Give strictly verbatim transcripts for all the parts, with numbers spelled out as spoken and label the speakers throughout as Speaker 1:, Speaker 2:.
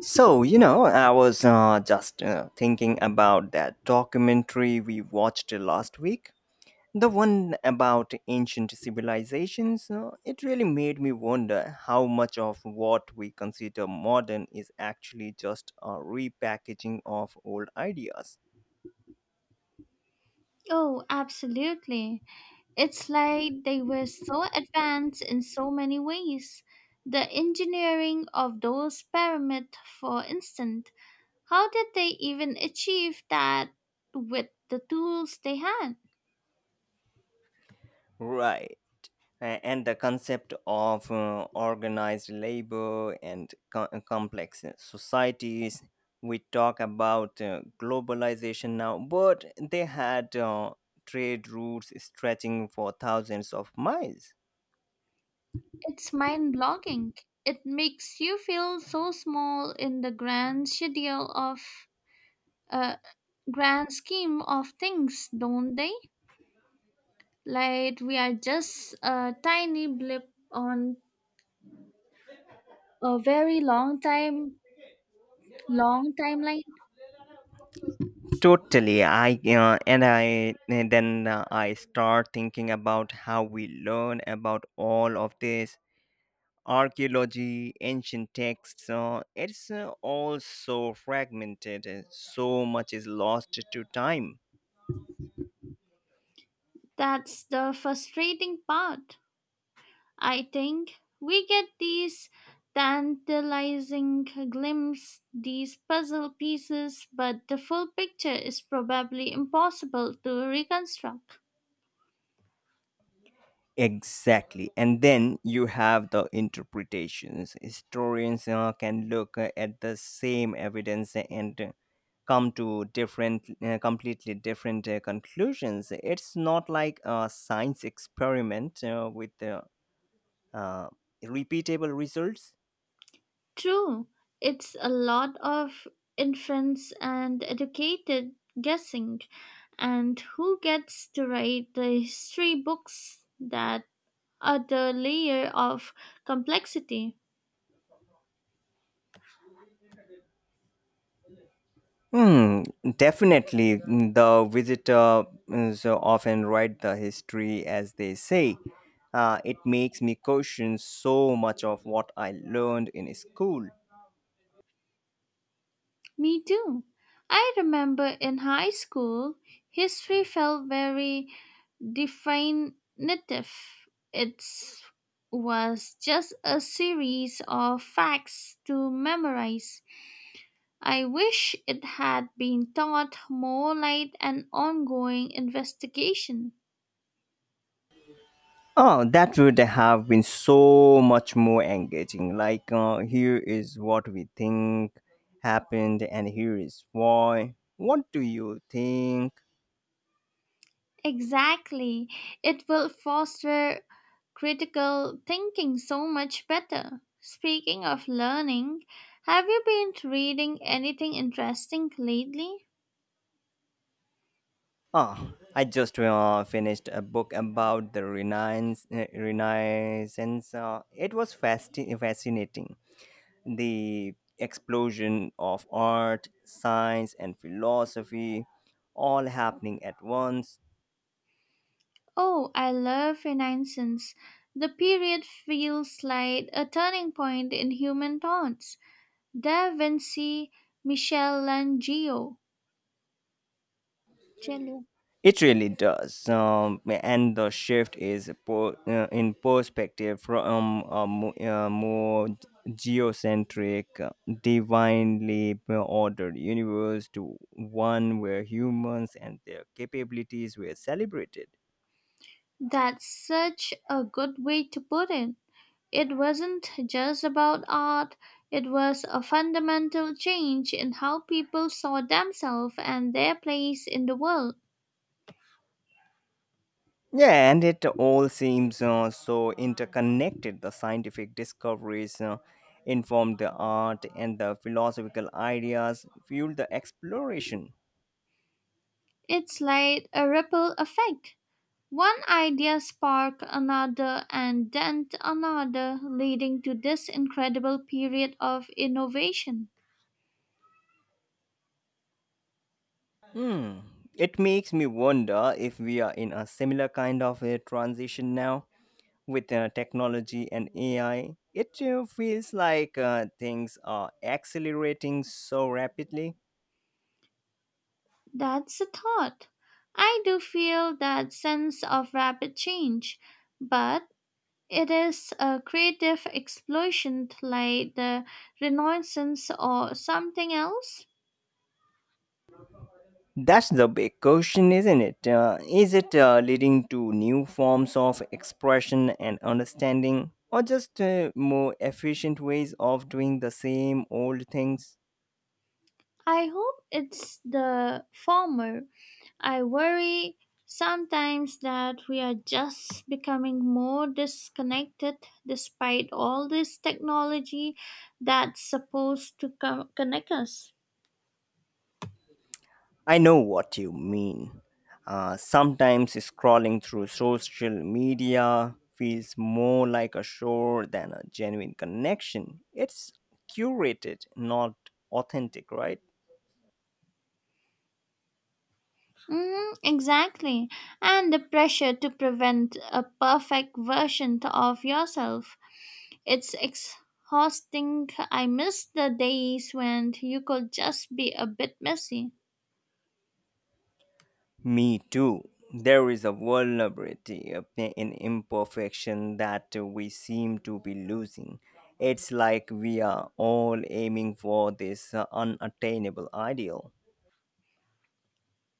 Speaker 1: So, you know, I was uh, just uh, thinking about that documentary we watched last week. The one about ancient civilizations. Uh, it really made me wonder how much of what we consider modern is actually just a repackaging of old ideas.
Speaker 2: Oh, absolutely. It's like they were so advanced in so many ways. The engineering of those pyramids, for instance, how did they even achieve that with the tools they had?
Speaker 1: Right. a- and the concept of uh, organized labor and co- uh, complex societies. We talk about uh, globalization now, but they had uh, trade routes stretching for thousands of miles.
Speaker 2: It's mind blogging. It makes you feel so small in the grand schedule of uh, grand scheme of things, don't they? Like we are just a tiny blip on a very long time long timeline.
Speaker 1: Totally. I uh, and I and then uh, I start thinking about how we learn about all of this: archaeology, ancient texts. Uh, it's uh, all so fragmented, uh, so much is lost to time.
Speaker 2: That's the frustrating part. I think we get these tantalizing glimpses, these puzzle pieces, but the full picture is probably impossible to reconstruct.
Speaker 1: Exactly. And then you have the interpretations. Historians uh, can look uh, at the same evidence and uh, come to different, uh, completely different uh, conclusions. It's not like a science experiment uh, with uh, uh, repeatable results.
Speaker 2: True, it's a lot of inference and educated guessing, and who gets to write the history books, that other layer of complexity.
Speaker 1: Hmm, definitely. Mm, The visitor is often write the history, as they say. Uh, it makes me question so much of what I learned in school.
Speaker 2: Me too. I remember in high school, history felt very definitive. It was just a series of facts to memorize. I wish it had been taught more like an ongoing investigation.
Speaker 1: Oh, that would have been so much more engaging. Like, uh, here is what we think happened, and here is why. What do you think?
Speaker 2: Exactly. It will foster critical thinking so much better. Speaking of learning, have you been reading anything interesting lately?
Speaker 1: Ah, I just uh, finished a book about the Renaissance. uh, Renaissance. Uh, it was fasci- fascinating. The explosion of art, science, and philosophy all happening at once.
Speaker 2: Oh, I love Renaissance. The period feels like a turning point in human thoughts. Da Vinci, Michelangelo. Jello.
Speaker 1: It really does, um, and the shift is po- uh, in perspective from a, mo- a more geocentric, uh, divinely ordered universe to one where humans and their capabilities were celebrated.
Speaker 2: That's such a good way to put it. It wasn't just about art, it was a fundamental change in how people saw themselves and their place in the world.
Speaker 1: Yeah, and it all seems uh, so interconnected. The scientific discoveries uh, informed the art, and the philosophical ideas fueled the exploration.
Speaker 2: It's like a ripple effect. One idea sparked another and then another, leading to this incredible period of innovation.
Speaker 1: Hmm. It makes me wonder if we are in a similar kind of a transition now with uh, technology and A I. It uh, feels like uh, things are accelerating so rapidly.
Speaker 2: That's a thought. I do feel that sense of rapid change, but it is a creative explosion like the Renaissance or something else.
Speaker 1: That's the big question, isn't it? Uh, is it uh, leading to new forms of expression and understanding, or just uh, more efficient ways of doing the same old things?
Speaker 2: I hope it's the former. I worry sometimes that we are just becoming more disconnected despite all this technology that's supposed to co- connect us.
Speaker 1: I know what you mean. Uh, sometimes scrolling through social media feels more like a show than a genuine connection. It's curated, not authentic, right?
Speaker 2: Mm, exactly. And the pressure to prevent a perfect version of yourself. It's exhausting. I miss the days when you could just be a bit messy.
Speaker 1: Me too. There is a vulnerability, a pa- in imperfection, that we seem to be losing. It's like we are all aiming for this uh, unattainable ideal.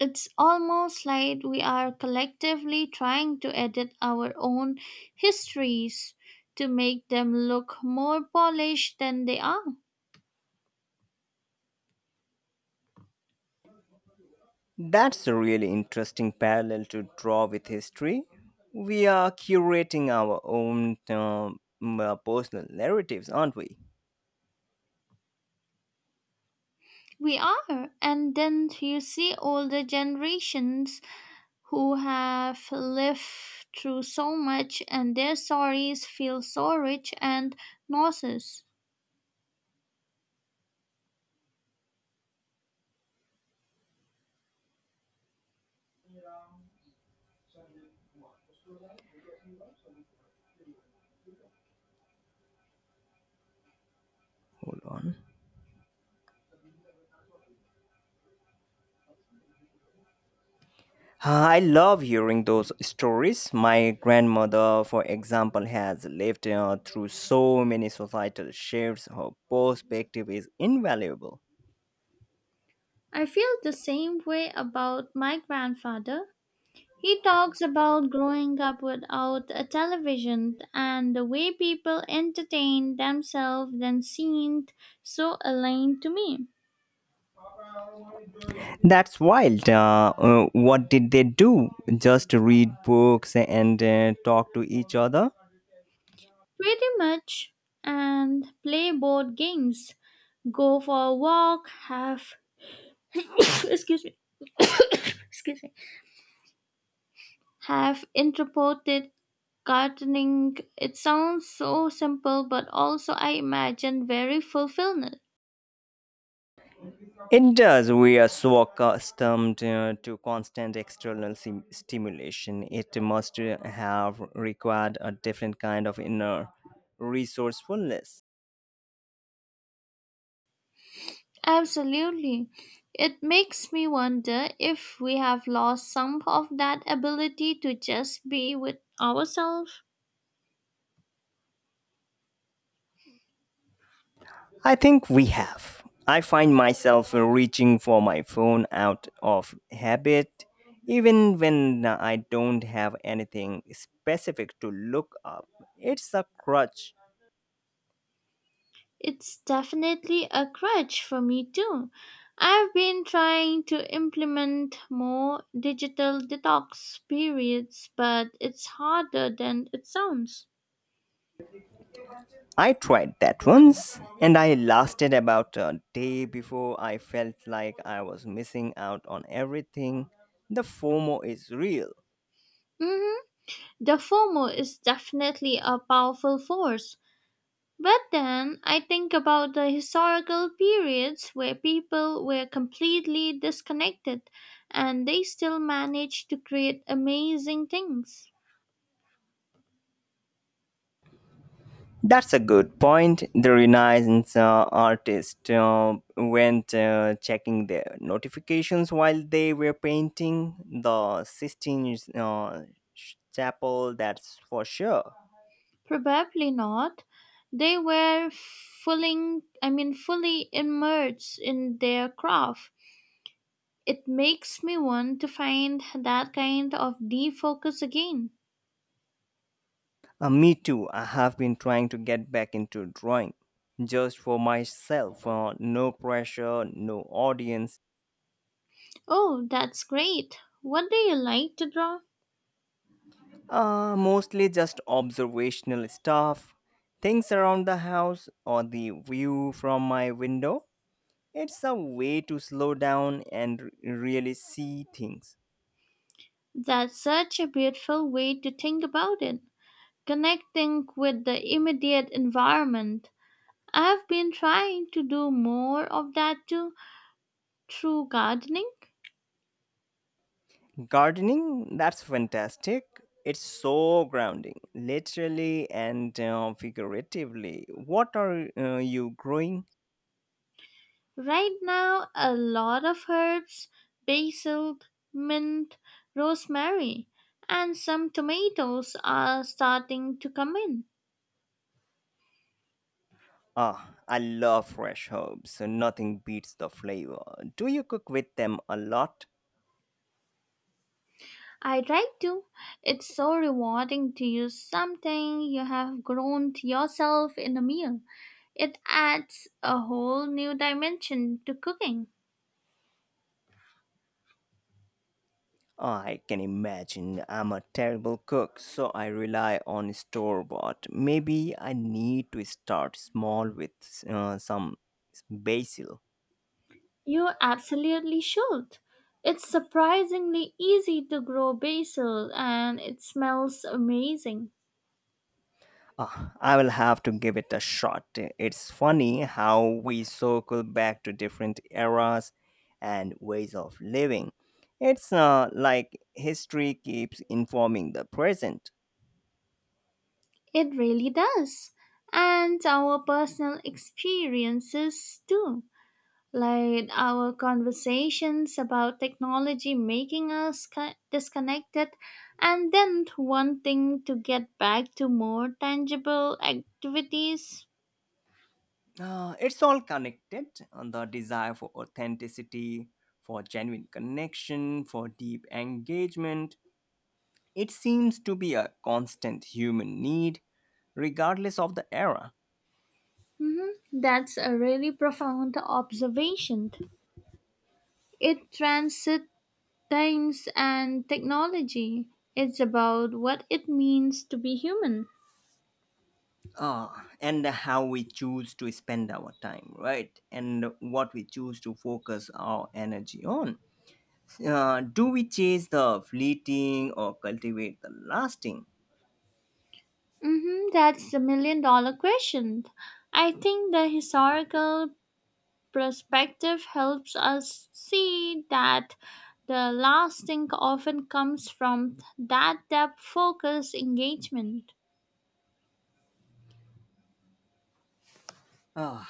Speaker 2: It's almost like we are collectively trying to edit our own histories to make them look more polished than they are.
Speaker 1: That's a really interesting parallel to draw with history. We are curating our own um, uh, personal narratives, aren't we?
Speaker 2: We are. And then you see older generations who have lived through so much, and their stories feel so rich and nauseous.
Speaker 1: Hold on. Uh, I love hearing those stories. My grandmother, for example, has lived uh, through so many societal shifts. Her perspective is invaluable.
Speaker 2: I feel the same way about my grandfather. He talks about growing up without a television, and the way people entertained themselves then seemed so alien to me.
Speaker 1: That's wild. Uh, uh, what did they do? Just read books and uh, talk to each other?
Speaker 2: Pretty much, and play board games, go for a walk, have excuse me. excuse me, have interpreted gardening. It sounds so simple, but also I imagine very fulfilling.
Speaker 1: It does. We are so accustomed uh, to constant external sim- stimulation. It must uh, have required a different kind of inner resourcefulness.
Speaker 2: Absolutely. It makes me wonder if we have lost some of that ability to just be with ourselves.
Speaker 1: I think we have. I find myself reaching for my phone out of habit, even when I don't have anything specific to look up. It's a crutch.
Speaker 2: It's definitely a crutch for me too. I've been trying to implement more digital detox periods, but it's harder than it sounds.
Speaker 1: I tried that once and I lasted about a day before I felt like I was missing out on everything. The FOMO is real.
Speaker 2: Hmm. The FOMO is definitely a powerful force. But then I think about the historical periods where people were completely disconnected, and they still managed to create amazing things.
Speaker 1: That's a good point. The Renaissance uh, artist uh, went uh, checking their notifications while they were painting the Sistine uh, Chapel, that's for sure.
Speaker 2: Probably not. They were fully, I mean, fully immersed in their craft. It makes me want to find that kind of defocus again.
Speaker 1: Uh, me too. I have been trying to get back into drawing just for myself: uh, no pressure, no audience.
Speaker 2: Oh, that's great. What do you like to draw?
Speaker 1: Uh, mostly just observational stuff. Things around the house or the view from my window. It's a way to slow down and r- really see things.
Speaker 2: That's such a beautiful way to think about it. Connecting with the immediate environment. I've been trying to do more of that too, through gardening.
Speaker 1: Gardening, that's fantastic. It's so grounding, literally and uh, figuratively. What are uh, you growing?
Speaker 2: Right now, a lot of herbs, basil, mint, rosemary, and some tomatoes are starting to come in.
Speaker 1: Ah, I love fresh herbs. so Nothing beats the flavor. Do you cook with them a lot?
Speaker 2: I try to. It's so rewarding to use something you have grown yourself in a meal. It adds a whole new dimension to cooking.
Speaker 1: I can imagine. I'm a terrible cook, so I rely on store bought. Maybe I need to start small with uh, some basil.
Speaker 2: You absolutely should. It's surprisingly easy to grow basil, and it smells amazing.
Speaker 1: Ah, I will have to give it a shot. It's funny how we circle back to different eras and ways of living. It's uh, like history keeps informing the present.
Speaker 2: It really does. And our personal experiences too, like our conversations about technology making us co- disconnected and then wanting to get back to more tangible activities.
Speaker 1: Uh, it's all connected. And The desire for authenticity, for genuine connection, for deep engagement. It seems to be a constant human need, regardless of the era.
Speaker 2: Mhm. That's a really profound observation. It transit times and technology. It's about what it means to be human.
Speaker 1: Ah, and how we choose to spend our time, right? And what we choose to focus our energy on. Uh, do we chase the fleeting or cultivate the lasting?
Speaker 2: Hmm, that's the million dollar question. I think the historical perspective helps us see that the lasting often comes from that depth focused engagement.
Speaker 1: Uh,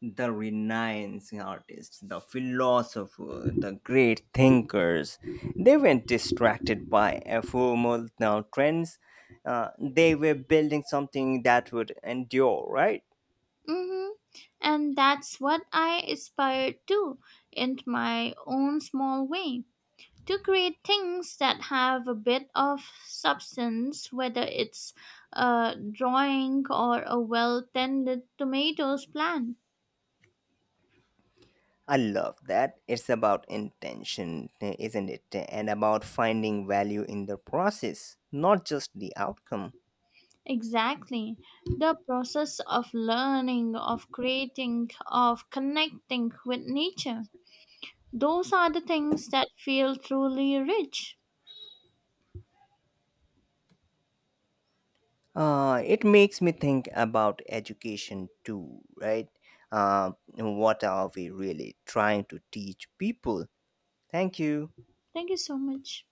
Speaker 1: the renouncing artists, the philosophers, the great thinkers, they were distracted by ephemeral now trends. Uh, they were building something that would endure, right?
Speaker 2: Hmm. And that's what I aspire to in my own small way. To create things that have a bit of substance, whether it's a drawing or a well tended tomatoes plant.
Speaker 1: I love that. It's about intention, isn't it? And about finding value in the process, not just the outcome.
Speaker 2: Exactly. The process of learning, of creating, of connecting with nature. Those are the things that feel truly rich.
Speaker 1: Uh, it makes me think about education too, right? Uh, what are we really trying to teach people? Thank you.
Speaker 2: Thank you so much.